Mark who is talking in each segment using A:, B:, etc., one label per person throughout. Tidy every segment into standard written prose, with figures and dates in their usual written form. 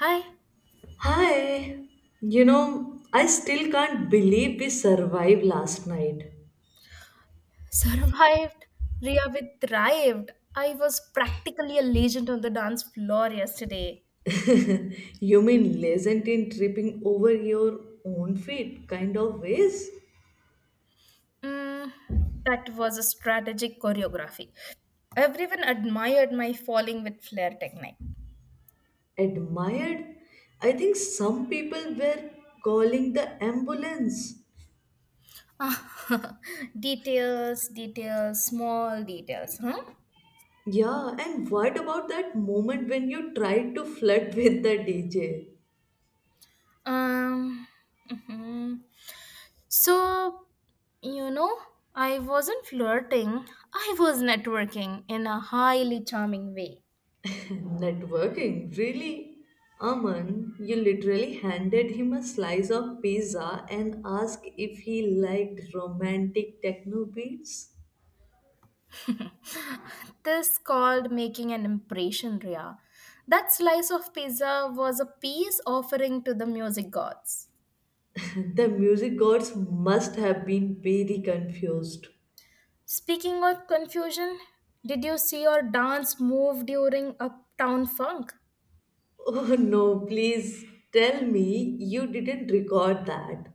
A: Hi,
B: Hi, you know, I still can't believe we survived last night.
A: survived. Ria thrived. I was practically a legend on the dance floor yesterday.
B: You mean legend in tripping over your own feet kind of ways?
A: Mm, that was a strategic choreography. Everyone admired my falling with flair technique.
B: Admired? I think some people were calling the ambulance.
A: Ah, details, details, small details, huh?
B: Yeah, and what about that moment when you tried to flirt with the DJ?
A: Um, mhm. So, you know, I wasn't flirting, I was networking in a highly charming way.
B: Networking, really? Aman, you literally handed him a slice of pizza and asked if he liked romantic techno beats?
A: This called making an impression, Ria. That slice of pizza was a peace offering to the music gods.
B: The music gods must have been very confused.
A: Speaking of confusion, did you see your dance move during Uptown Funk?
B: Oh no, please tell me you didn't record that.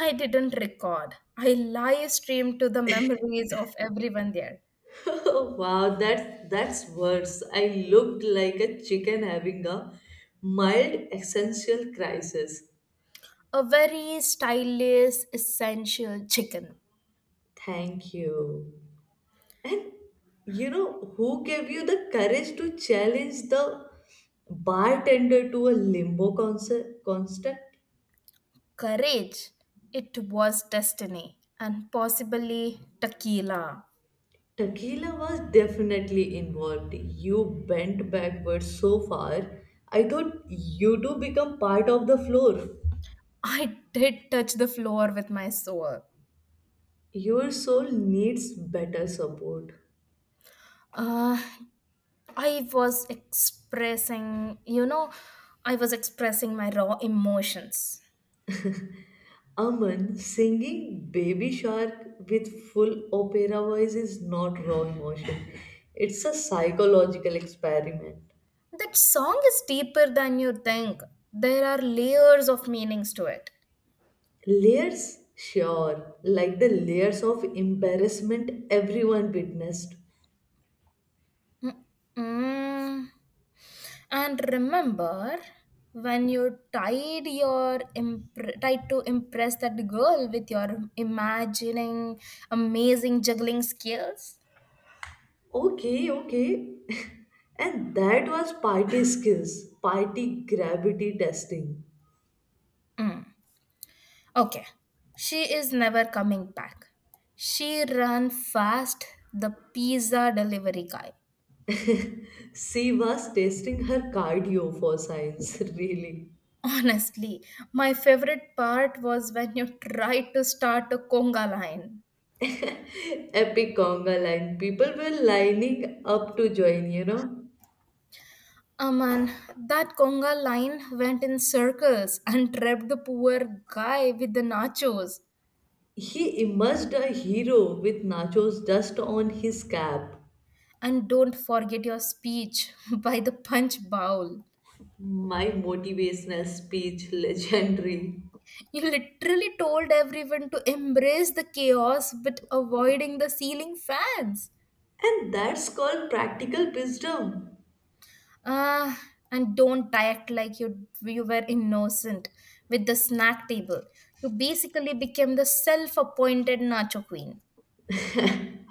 A: I didn't record. I live streamed to the memories of everyone there.
B: Wow, that's worse. I looked like a chicken having a mild existential crisis.
A: A very stylish, essential chicken.
B: Thank you. And you know who gave you the courage to challenge the bartender to a limbo concert construct?
A: Courage. It was destiny and possibly tequila.
B: Tequila was definitely involved. You bent backwards so far. I thought you two become part of the floor.
A: I did touch the floor with my soul.
B: Your soul needs better support.
A: Uh, I was expressing, I was expressing my raw emotions.
B: Aman singing Baby Shark with full opera voice is not raw emotion. It's a psychological experiment.
A: That song is deeper than you think. There are layers of meanings to it.
B: Layers? Sure, like the layers of embarrassment everyone witnessed.
A: Mm-mm. And remember when you tried to impress that girl with your imagining amazing juggling skills?
B: Okay, okay. And that was party skills, party gravity testing.
A: Mm. Okay. She is never coming back. She ran fast the pizza delivery guy.
B: She was testing her cardio for science, really.
A: Honestly, my favorite part was when you tried to start a conga line.
B: Epic conga line. People were lining up to join, you know.
A: Aman, that conga line went in circles and trapped the poor guy with the nachos.
B: He emerged a hero with nachos dust on his cap.
A: And don't forget your speech by the punch bowl.
B: My motivational speech, legendary.
A: You literally told everyone to embrace the chaos but avoiding the ceiling fans.
B: And that's called practical wisdom.
A: Ah, and don't act like you were innocent with the snack table. You basically became the self-appointed nacho queen.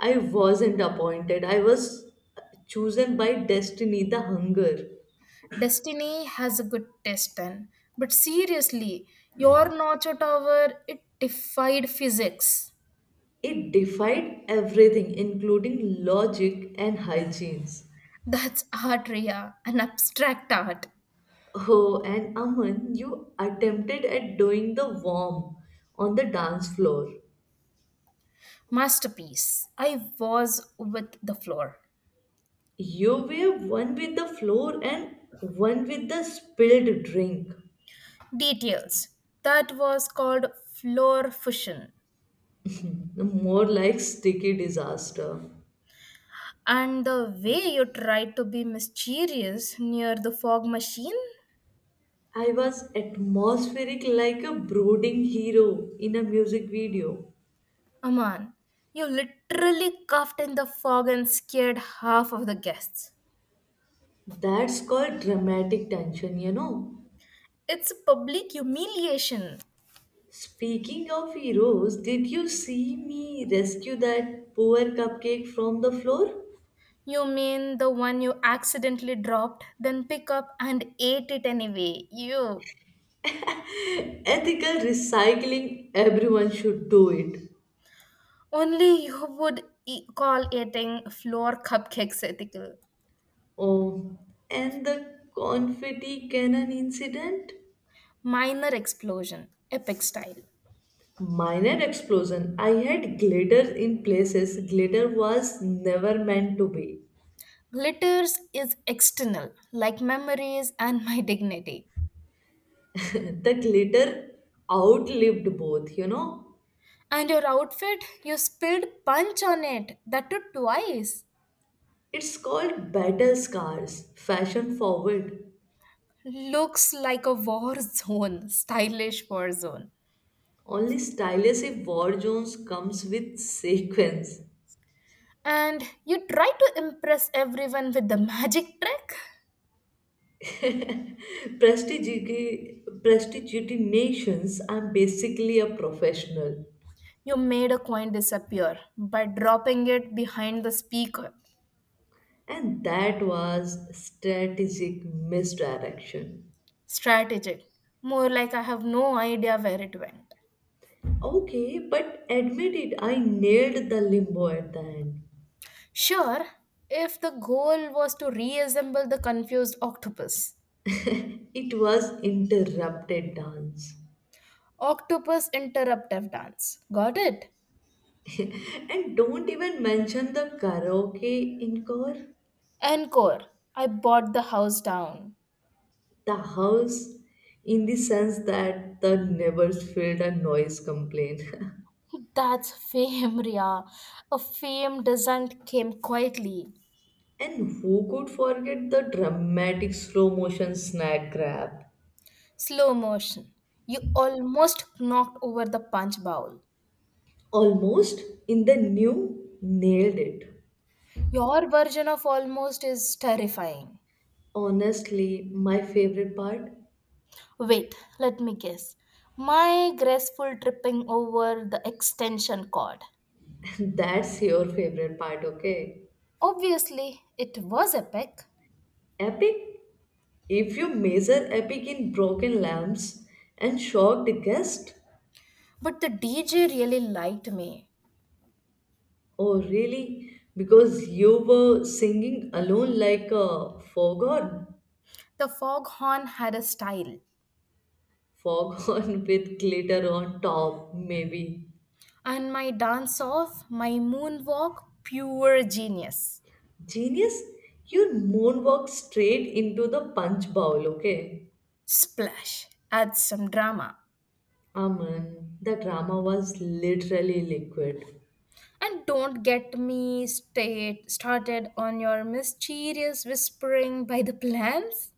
B: I wasn't appointed, I was chosen by destiny, the hunger.
A: Destiny has a good test then. But seriously, your nacho tower, it defied physics.
B: It defied everything, including logic and hygienes.
A: That's art, Ria, an abstract art.
B: Oh, and Aman, you attempted at doing the worm on the dance floor.
A: Masterpiece. I was with the floor.
B: You were one with the floor and one with the spilled drink.
A: Details. That was called floor fusion.
B: More like sticky disaster.
A: And the way you tried to be mysterious near the fog machine,
B: I was atmospheric like a brooding hero in a music video.
A: Aman, you literally coughed in the fog and scared half of the guests.
B: That's called dramatic tension, you know.
A: It's a public humiliation.
B: Speaking of heroes, did you see me rescue that poor cupcake from the floor?
A: You mean the one you accidentally dropped, then pick up and ate it anyway? You.
B: Ethical recycling, everyone should do it.
A: Only you would call eating floor cupcakes ethical.
B: Oh, and the confetti cannon incident?
A: Minor explosion, epic style.
B: Minor explosion. I had glitter in places glitter was never meant to be.
A: Glitters is external, like memories and my dignity.
B: The glitter outlived both, you know.
A: And your outfit, you spilled punch on it. That too twice.
B: It's called battle scars, fashion forward.
A: Looks like a war zone, stylish war zone.
B: Only stylish if war zones comes with sequence.
A: And you try to impress everyone with the magic trick.
B: Prestidigitations, I'm basically a professional.
A: You made a coin disappear by dropping it behind the speaker.
B: And that was strategic misdirection.
A: Strategic. More like I have no idea where it went.
B: Okay, but admit it, I nailed the limbo at the end.
A: Sure, if the goal was to reassemble the confused octopus.
B: It was interrupted dance.
A: Octopus interruptive dance. Got it?
B: And don't even mention the karaoke encore,
A: Encore. I bought the house down.
B: the house in the sense that the neighbors filled a noise complaint.
A: That's fame, Ria. A fame doesn't came quietly.
B: And who could forget the dramatic slow motion snack grab?
A: Slow motion. You almost knocked over the punch bowl.
B: Almost in the new, nailed it.
A: Your version of almost is terrifying.
B: Honestly, my favorite part.
A: Wait, let me guess. My graceful tripping over the extension cord.
B: That's your favorite part, okay?
A: Obviously, it was epic,
B: Epic? If you measure epic in broken lamps and shocked guest,
A: but the DJ really liked me.
B: oh, really? Because you were singing alone like a foghorn?
A: The foghorn had a style,
B: Foghorn with glitter on top, maybe.
A: and my dance off, my moonwalk, pure genius.
B: Genius, you moonwalk straight into the punch bowl, okay?
A: Splash, add some drama.
B: Aman, the drama was literally liquid.
A: And don't get me state started on your mysterious whispering by the plants.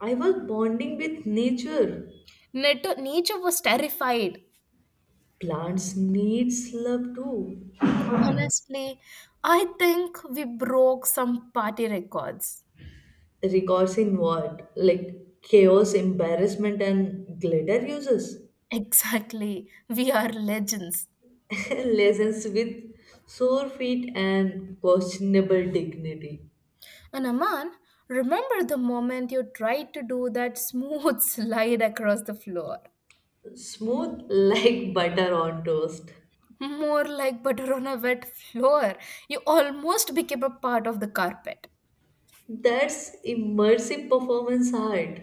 B: I was bonding with nature.
A: Nature was terrified.
B: Plants needs love too.
A: Honestly, I think we broke some party records.
B: Records in what? Like chaos, embarrassment, and glitter uses.
A: Exactly, we are legends.
B: Lessons with sore feet and questionable dignity.
A: And Aman, remember the moment you tried to do that smooth slide across the floor?
B: Smooth like butter on toast.
A: More like butter on a wet floor. You almost became a part of the carpet.
B: That's immersive performance art.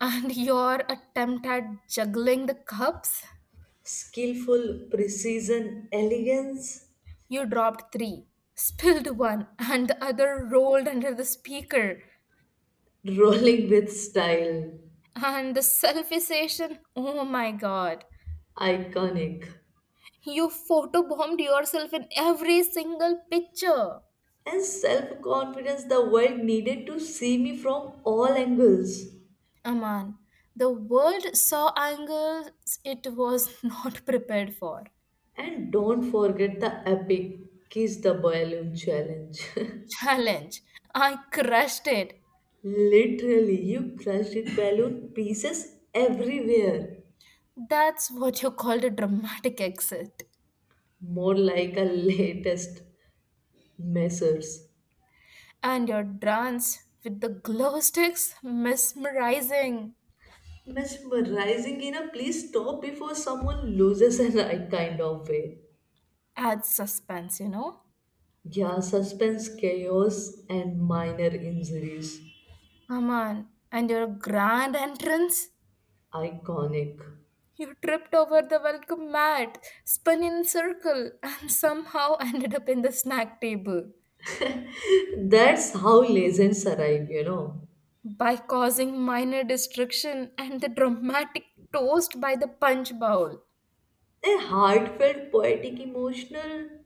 A: And your attempt at juggling the cups,
B: Skillful precision, elegance,
A: you dropped three, spilled one, and the other rolled under the speaker.
B: rolling with style,
A: And the selfie session, oh my god.
B: iconic,
A: You photobombed yourself in every single picture.
B: and self confidence the world needed to see me from all angles.
A: Aman, the world saw angles it was not prepared for.
B: And don't forget the epic Kiss the Balloon challenge.
A: Challenge. I crushed it.
B: Literally, you crushed it balloon pieces everywhere.
A: That's what you called a dramatic exit.
B: More like a latest measures.
A: And your dance with the glow sticks, mesmerizing,
B: Mesmerizing in a please stop before someone loses an eye kind of way.
A: adds suspense, you know?
B: Yeah, suspense, chaos, and minor injuries.
A: Aman, and your grand entrance?
B: Iconic.
A: You tripped over the welcome mat, spun in a circle, and somehow ended up in the snack table.
B: That's how legends arrive, you know.
A: By causing minor destruction and the dramatic toast by the punch bowl,
B: A heartfelt, poetic, emotional.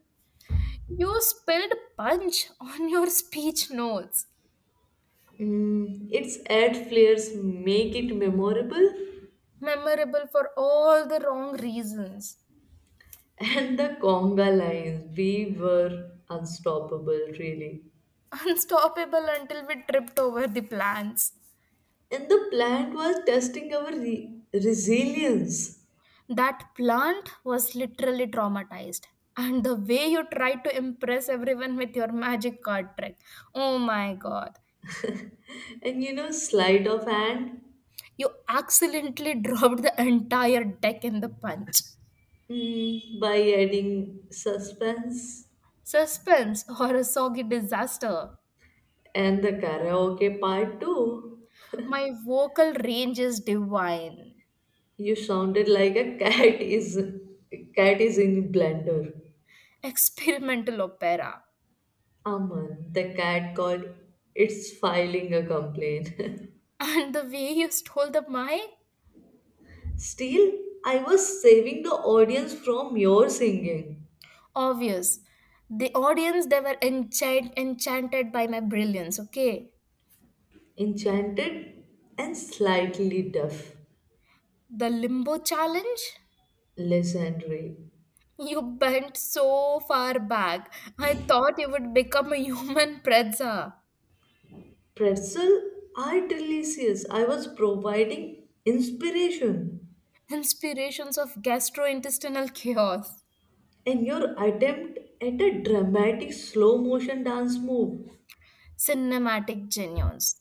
A: you spilled punch on your speech notes.
B: Mm, its ad flares make it memorable.
A: Memorable for all the wrong reasons.
B: And the conga lines, we were unstoppable, really.
A: Unstoppable until we tripped over the plants.
B: And the plant was testing our resilience.
A: That plant was literally traumatized. And the way you tried to impress everyone with your magic card trick. Oh my god.
B: And you know, sleight of hand
A: You accidentally dropped the entire deck in the punch.
B: mm, by adding suspense
A: Suspense or a soggy disaster.
B: and the karaoke part too.
A: My vocal range is divine.
B: You sounded like a cat is in blender.
A: Experimental opera.
B: Aman, the cat called. It's filing a complaint.
A: And the way you stole the mic?
B: Still, I was saving the audience from your singing.
A: Obvious. The audience, they were enchanted by my brilliance, okay?
B: Enchanted and slightly deaf.
A: The limbo challenge?
B: Legendary.
A: You bent so far back. I thought you would become a human pretzel.
B: Pretzel are delicious. I was providing inspiration
A: Inspirations of gastrointestinal chaos,
B: and your attempt at a dramatic slow motion dance move.
A: cinematic genius,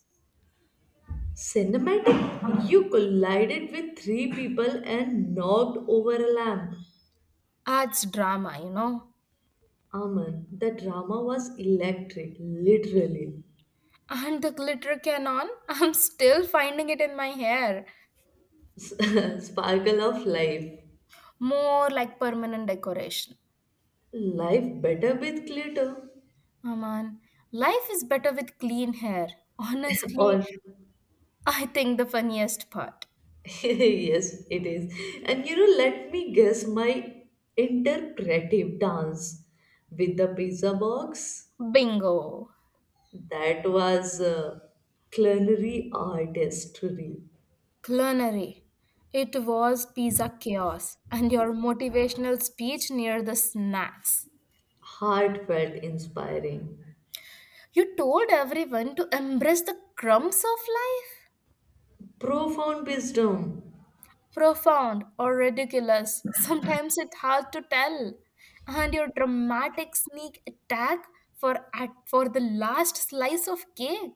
B: Cinematic, you collided with three people and knocked over a lamp.
A: arts drama, you know.
B: Aman, the drama was electric, literally.
A: And the glitter cannon, I'm still finding it in my hair.
B: Sparkle of life.
A: More like permanent decoration.
B: Life better with glitter.
A: Aman, life is better with clean hair. Honestly,
B: All.
A: I think the funniest part.
B: Yes, it is. And you know, let me guess my interpretive dance with the pizza box.
A: Bingo.
B: That was culinary artistry,
A: Culinary. It was pizza chaos and your motivational speech near the snacks.
B: heartfelt, inspiring,
A: You told everyone to embrace the crumbs of life.
B: profound wisdom,
A: Profound or ridiculous, sometimes it's hard to tell. And your dramatic sneak attack for the last slice of cake,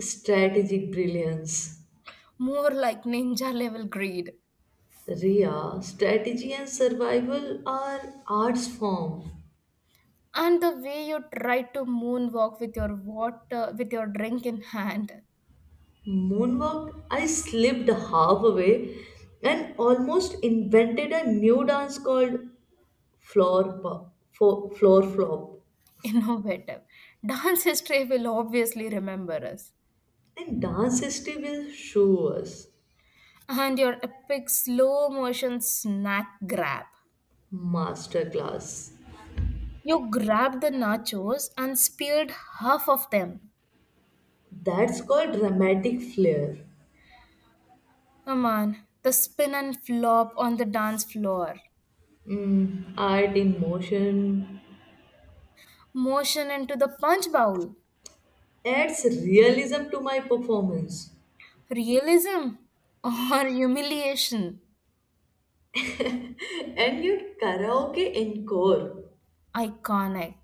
B: strategic brilliance.
A: more like ninja level greed.
B: Ria, strategy and survival are arts form.
A: And the way you tried to moonwalk with your drink in hand.
B: Moonwalk, I slipped halfway and almost invented a new dance called floor, pop, floor flop.
A: Innovative. Dance history will obviously remember us.
B: And dance history will show us
A: And your epic slow motion snack grab.
B: masterclass.
A: You grabbed the nachos and speared half of them.
B: That's called dramatic flair.
A: Come on, the spin and flop on the dance floor.
B: Mm, art in motion
A: Motion into the punch bowl.
B: adds realism to my performance.
A: Realism or humiliation.
B: And your karaoke encore,
A: Iconic.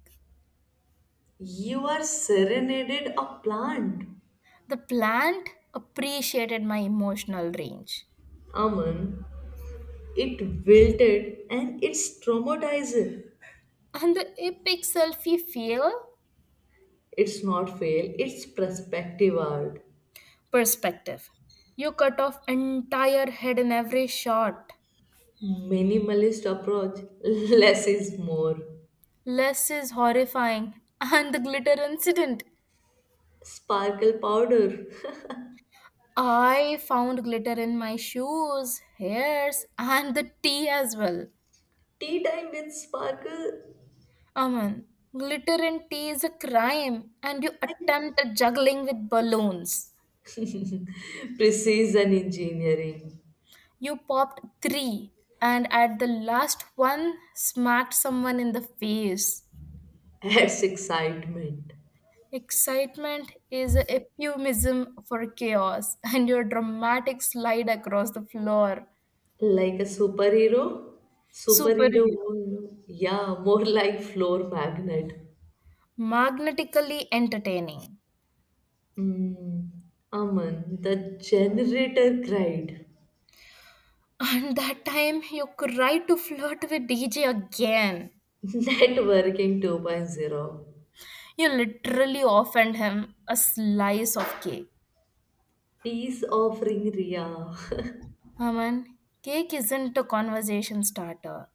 B: you are serenaded a plant.
A: The plant appreciated my emotional range.
B: Aman, it wilted and it's traumatizing.
A: And the epic selfie fail?
B: It's not fail, it's perspective art.
A: Perspective. You cut off entire head in every shot.
B: Minimalist approach, less is more.
A: Less is horrifying. And the glitter incident.
B: Sparkle powder,
A: I found glitter in my shoes, hairs, and the tea as well.
B: tea time with sparkle,
A: Aman, glitter in tea is a crime, and you attempted juggling with balloons.
B: precision engineering
A: You popped three, and at the last one, smacked someone in the face.
B: adds excitement.
A: Excitement is a euphemism for chaos, and your dramatic slide across the floor.
B: Like a superhero, superhero,
A: Superhero.
B: yeah, more like floor magnet.
A: Magnetically entertaining.
B: Hmm. Aman, the generator cried.
A: And that time you cried to flirt with DJ again.
B: Networking 2.0.
A: You literally offered him a slice of cake.
B: Peace offering Ria.
A: Aman, cake isn't a conversation starter.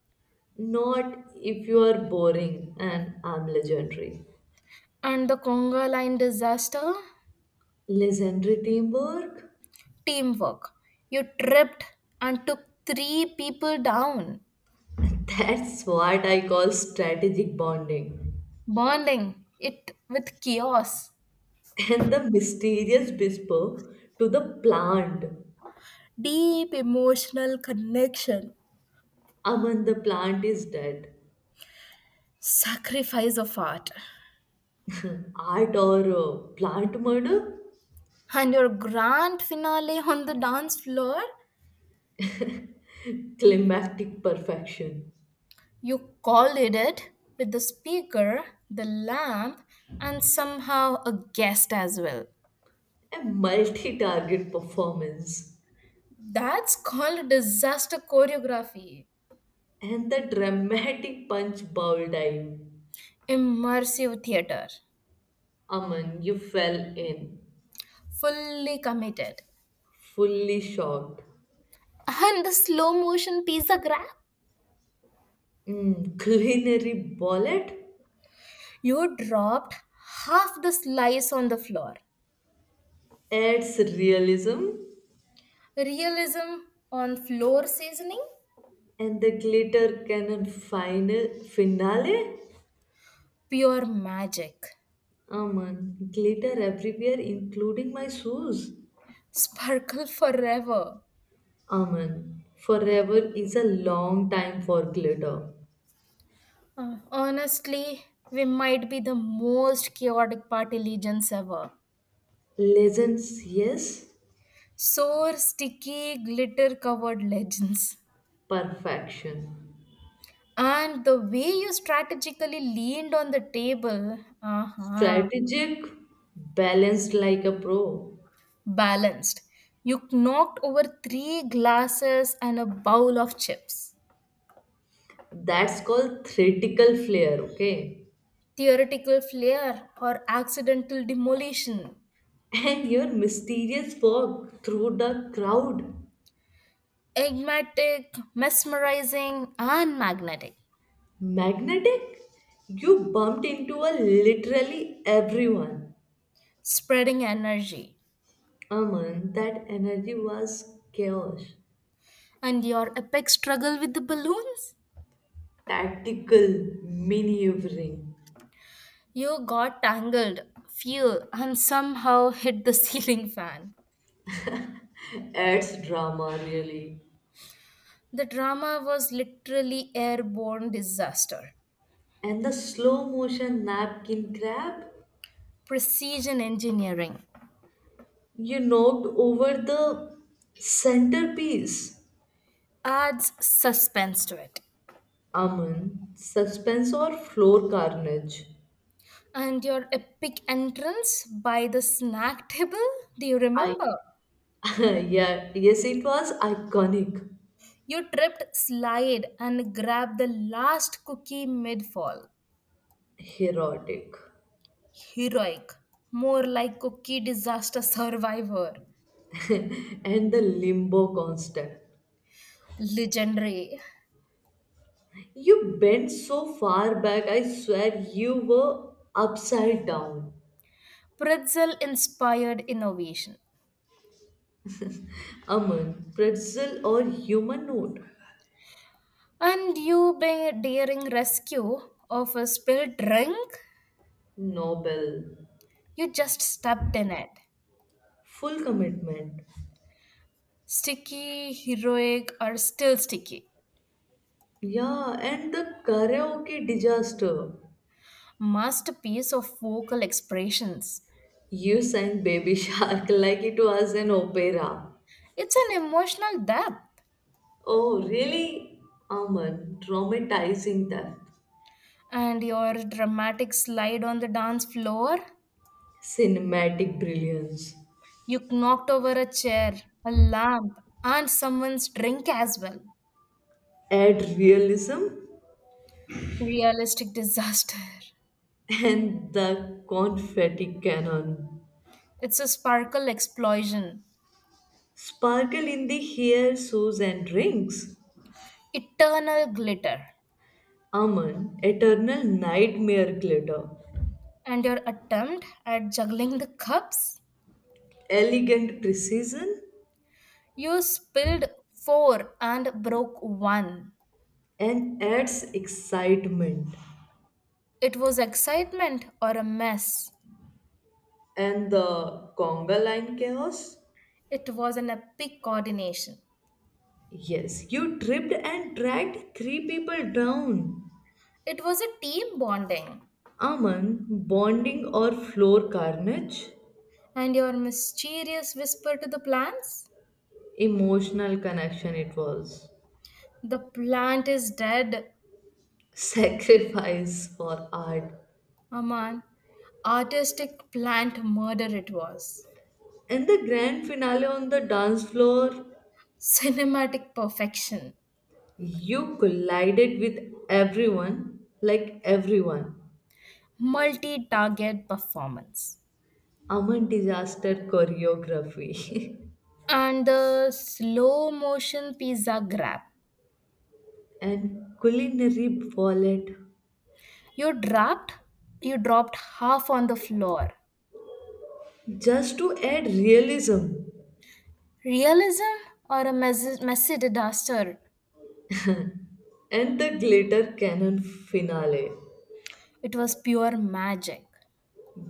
B: Not if you are boring and I'm legendary.
A: And the conga line disaster?
B: Legendary teamwork?
A: Teamwork. You tripped and took three people down.
B: That's what I call strategic bonding.
A: Bonding it with chaos,
B: And the mysterious whisper to the plant.
A: deep emotional connection,
B: Aman, the plant is dead.
A: sacrifice of art.
B: Art or plant murder?
A: And your grand finale on the dance floor,
B: Climactic perfection.
A: you collided it with the speaker, the lamp, and somehow a guest as well.
B: A multi target performance.
A: That's called disaster choreography,
B: And the dramatic punch bowl dive.
A: immersive theater,
B: Aman, you fell in,
A: fully committed.
B: fully shocked.
A: And the slow motion pizza grab?
B: Mm, culinary bullet
A: You dropped half the slice on the floor.
B: adds realism.
A: Realism on floor seasoning?
B: And the glitter cannon final finale.
A: Pure magic.
B: Aman, glitter everywhere, including my shoes.
A: Sparkle forever.
B: Aman, forever is a long time for glitter.
A: Honestly, we might be the most chaotic party legions ever.
B: Legends, yes,
A: Sore, sticky, glitter covered legends.
B: perfection.
A: And the way you strategically leaned on the table, uh-huh,
B: Strategic, balanced like a pro.
A: balanced. You knocked over three glasses and a bowl of chips.
B: That's called theatrical flair, okay?
A: Theoretical flair or accidental demolition,
B: And your mysterious walk through the crowd.
A: enigmatic, mesmerizing, and magnetic,
B: Magnetic? You bumped into a literally everyone.
A: spreading energy.
B: Aman, that energy was chaos,
A: And your epic struggle with the balloons?
B: tactical maneuvering,
A: You got tangled, fell, and somehow hit the ceiling fan.
B: adds drama really.
A: The drama was literally airborne disaster.
B: And the slow motion napkin grab,
A: Precision engineering
B: you knocked over the centerpiece.
A: adds suspense to it.
B: Aman, suspense or floor carnage?
A: And your epic entrance by the snack table? Do you
B: I
A: remember?
B: yeah, yes, it was iconic,
A: You tripped, slid, and grabbed the last cookie mid fall.
B: erotic,
A: Heroic. More like cookie disaster survivor.
B: and the limbo constant.
A: Legendary.
B: You bent so far back, I swear you were upside down.
A: Pretzel inspired innovation.
B: Aman, pretzel or humanoid? Note?
A: And you be daring rescue of a spilled drink?
B: Noble,
A: You just stepped in it.
B: full commitment.
A: Sticky, heroic, or still sticky.
B: Yeah, and the karaoke disaster.
A: Masterpiece of vocal expressions.
B: You sang Baby Shark like it was an opera.
A: It's an emotional depth.
B: Oh, really? Aman, traumatizing that.
A: And your dramatic slide on the dance floor.
B: Cinematic brilliance.
A: You knocked over a chair, a lamp, and someone's drink as well.
B: Add realism
A: Realistic disaster.
B: and the confetti cannon.
A: It's a sparkle explosion,
B: Sparkle in the hair, shoes, and rings.
A: eternal glitter.
B: Aman, eternal nightmare glitter.
A: And your attempt at juggling the cups?
B: Elegant precision
A: You spilled four and broke one.
B: and adds excitement.
A: It was excitement or a mess.
B: And the conga line chaos?
A: It was an epic coordination.
B: Yes, you tripped and dragged three people down.
A: It was a team bonding.
B: Aman, bonding or floor carnage?
A: And your mysterious whisper to the plants?
B: Emotional connection it was
A: The plant is dead,
B: sacrifice for art
A: Aman. Artistic plant murder it was.
B: and the grand finale on the dance floor
A: Cinematic perfection.
B: you collided with everyone like everyone
A: Multi target performance.
B: aman disaster choreography
A: And the slow motion pizza grab.
B: and culinary ballet
A: You dropped, you dropped half on the floor.
B: just to add realism
A: Realism or a messy disaster?
B: and the glitter cannon finale
A: It was pure magic.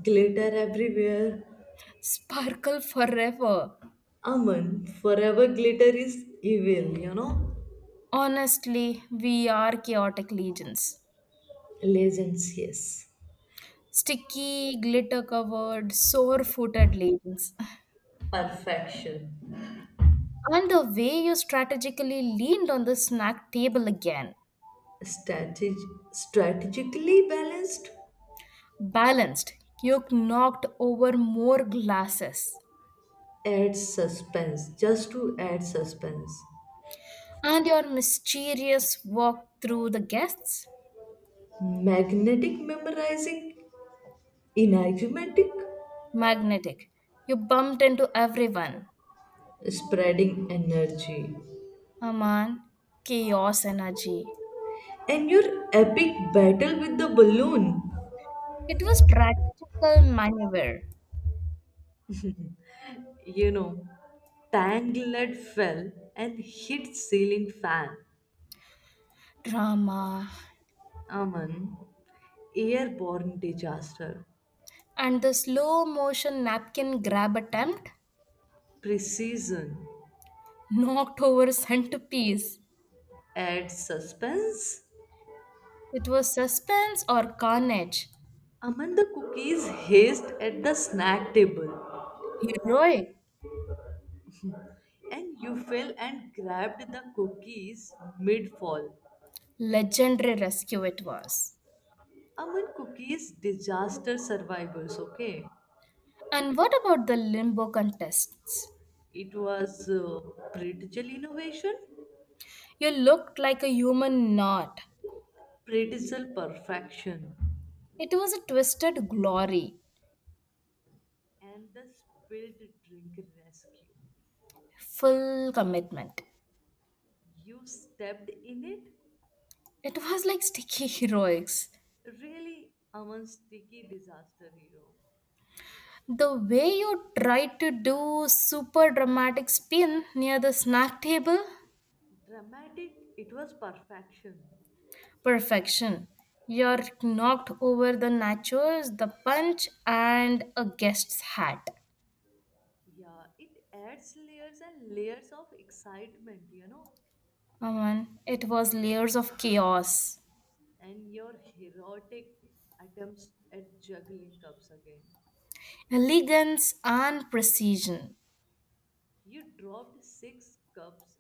B: glitter everywhere
A: Sparkle forever.
B: aman forever glitter is evil you know.
A: Honestly, we are chaotic legions.
B: Legends, yes.
A: Sticky, glitter covered, sore footed legions.
B: Perfection.
A: And the way you strategically leaned on the snack table again.
B: Strateg- Strategically balanced
A: Balanced, you knocked over more glasses.
B: adds suspense, just to add suspense.
A: And your mysterious walk through the guests?
B: Magnetic memorizing, enigmatic,
A: Magnetic. You bumped into everyone.
B: spreading energy.
A: Aman, chaos energy.
B: And your epic battle with the balloon.
A: It was strategical maneuver,
B: You know, Tangled fell and hit ceiling fan.
A: drama,
B: Aman, airborne disaster.
A: and the slow motion napkin grab attempt
B: Precision
A: knocked over centerpiece.
B: adds suspense
A: It was suspense or carnage.
B: Amanda cookies hissed at the snack table,
A: Heroic,
B: and you fell and grabbed the cookies mid fall.
A: legendary rescue it was.
B: Aman cookies, disaster survivors, okay?
A: And what about the limbo contests?
B: It was pretzel innovation,
A: You looked like a human knot.
B: pretzel perfection,
A: It was a twisted glory,
B: and the spilled drink rescue.
A: full commitment.
B: You stepped in it?
A: It was like sticky heroics.
B: Really, Aman's sticky disaster hero.
A: The way you tried to do super dramatic spin near the snack table
B: Dramatic, it was perfection.
A: perfection. You're knocked over the nachos, the punch, and a guest's hat.
B: Yeah, it adds layers and layers of excitement, you know,
A: Aman, it was layers of chaos,
B: and your heroic attempts at juggling cups again.
A: elegance, and precision.
B: You dropped six cups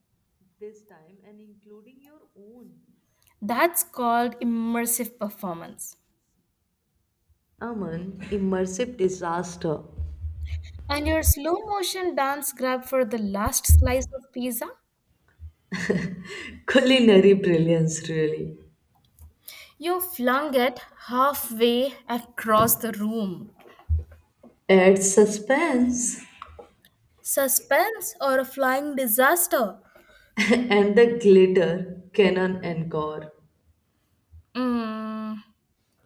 B: this time and including your own.
A: That's called immersive performance.
B: Aman, immersive disaster.
A: And your slow motion dance grab for the last slice of pizza,
B: Culinary brilliance, really.
A: you flung it halfway across the room.
B: Adds suspense
A: Suspense or a flying disaster?
B: and the glitter, cannon and gore.
A: Mmm,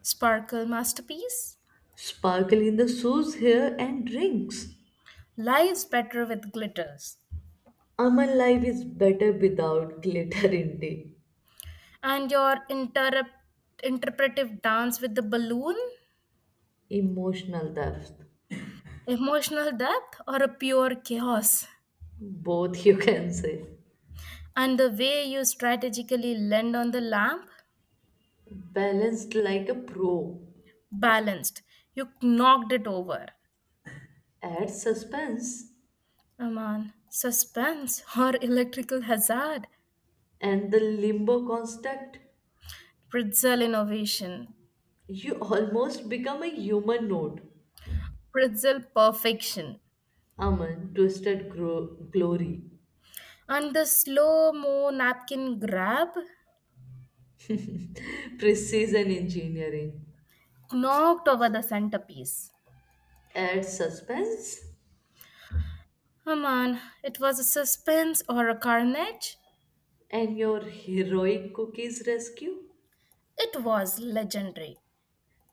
A: sparkle masterpiece?
B: Sparkle in the sauce here and drinks.
A: Life's better with glitters.
B: Amal life is better without glitter indeed.
A: And your interpretive dance with the balloon?
B: Emotional depth.
A: Emotional depth or a pure chaos?
B: Both you can say.
A: And the way you strategically land on the lamp?
B: Balanced like a pro.
A: Balanced. You knocked it over.
B: Add suspense
A: Aman. Suspense or electrical hazard?
B: and the limbo construct.
A: Pretzel innovation.
B: You almost become a human node.
A: Pretzel perfection.
B: Aman, twisted glory.
A: And the slow mo napkin grab
B: Precision engineering.
A: knocked over the centerpiece.
B: Add suspense
A: Oh man, it was a suspense or a carnage?
B: and your heroic cookies rescue.
A: It was legendary,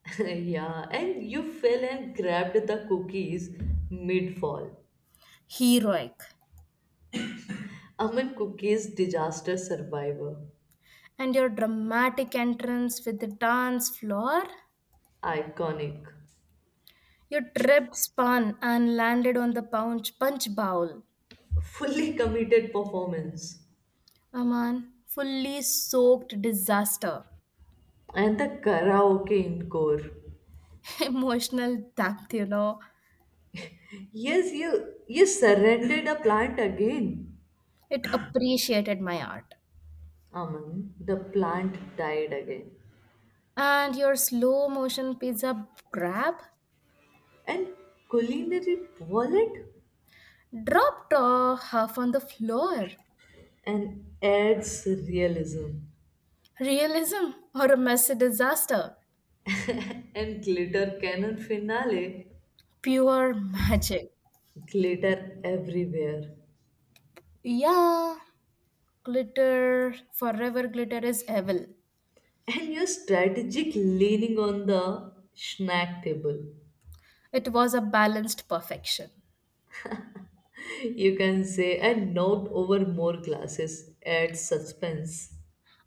B: Yeah, and you fell and grabbed the cookies mid fall.
A: heroic.
B: Aman Cookie's disaster survivor.
A: And your dramatic entrance with the dance floor?
B: Iconic.
A: Your trip spun, and landed on the punch bowl.
B: Fully committed performance.
A: Aman, fully soaked disaster.
B: And the karaoke encore.
A: Emotional depth, you know.
B: Yes, you surrendered a plant again.
A: It appreciated my art.
B: Aman, the plant died again.
A: And your slow motion pizza grab
B: And culinary wallet
A: dropped half on the floor.
B: and adds realism.
A: Realism or a messy disaster?
B: And glitter cannon finale.
A: Pure magic.
B: Glitter everywhere.
A: Yeah, glitter, forever glitter is evil.
B: And your strategic leaning on the snack table
A: It was a balanced perfection.
B: you can say, and knocked over more glasses at suspense.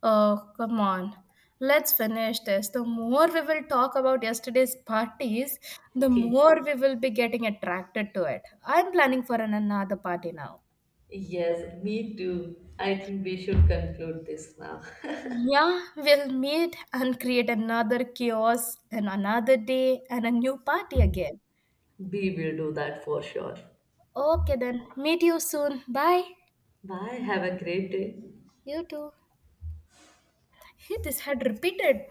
A: Oh, come on. Let's finish this. The more we will talk about yesterday's parties, the
B: Okay.
A: more we will be getting attracted to it. I'm planning for an another party now.
B: Yes, me too. I think we should conclude this now.
A: Yeah, we'll meet and create another chaos and another day and a new party again.
B: We will do that for sure.
A: Okay, then. Meet you soon. Bye.
B: Bye. Have a great day.
A: You too. Hey, this had repeated.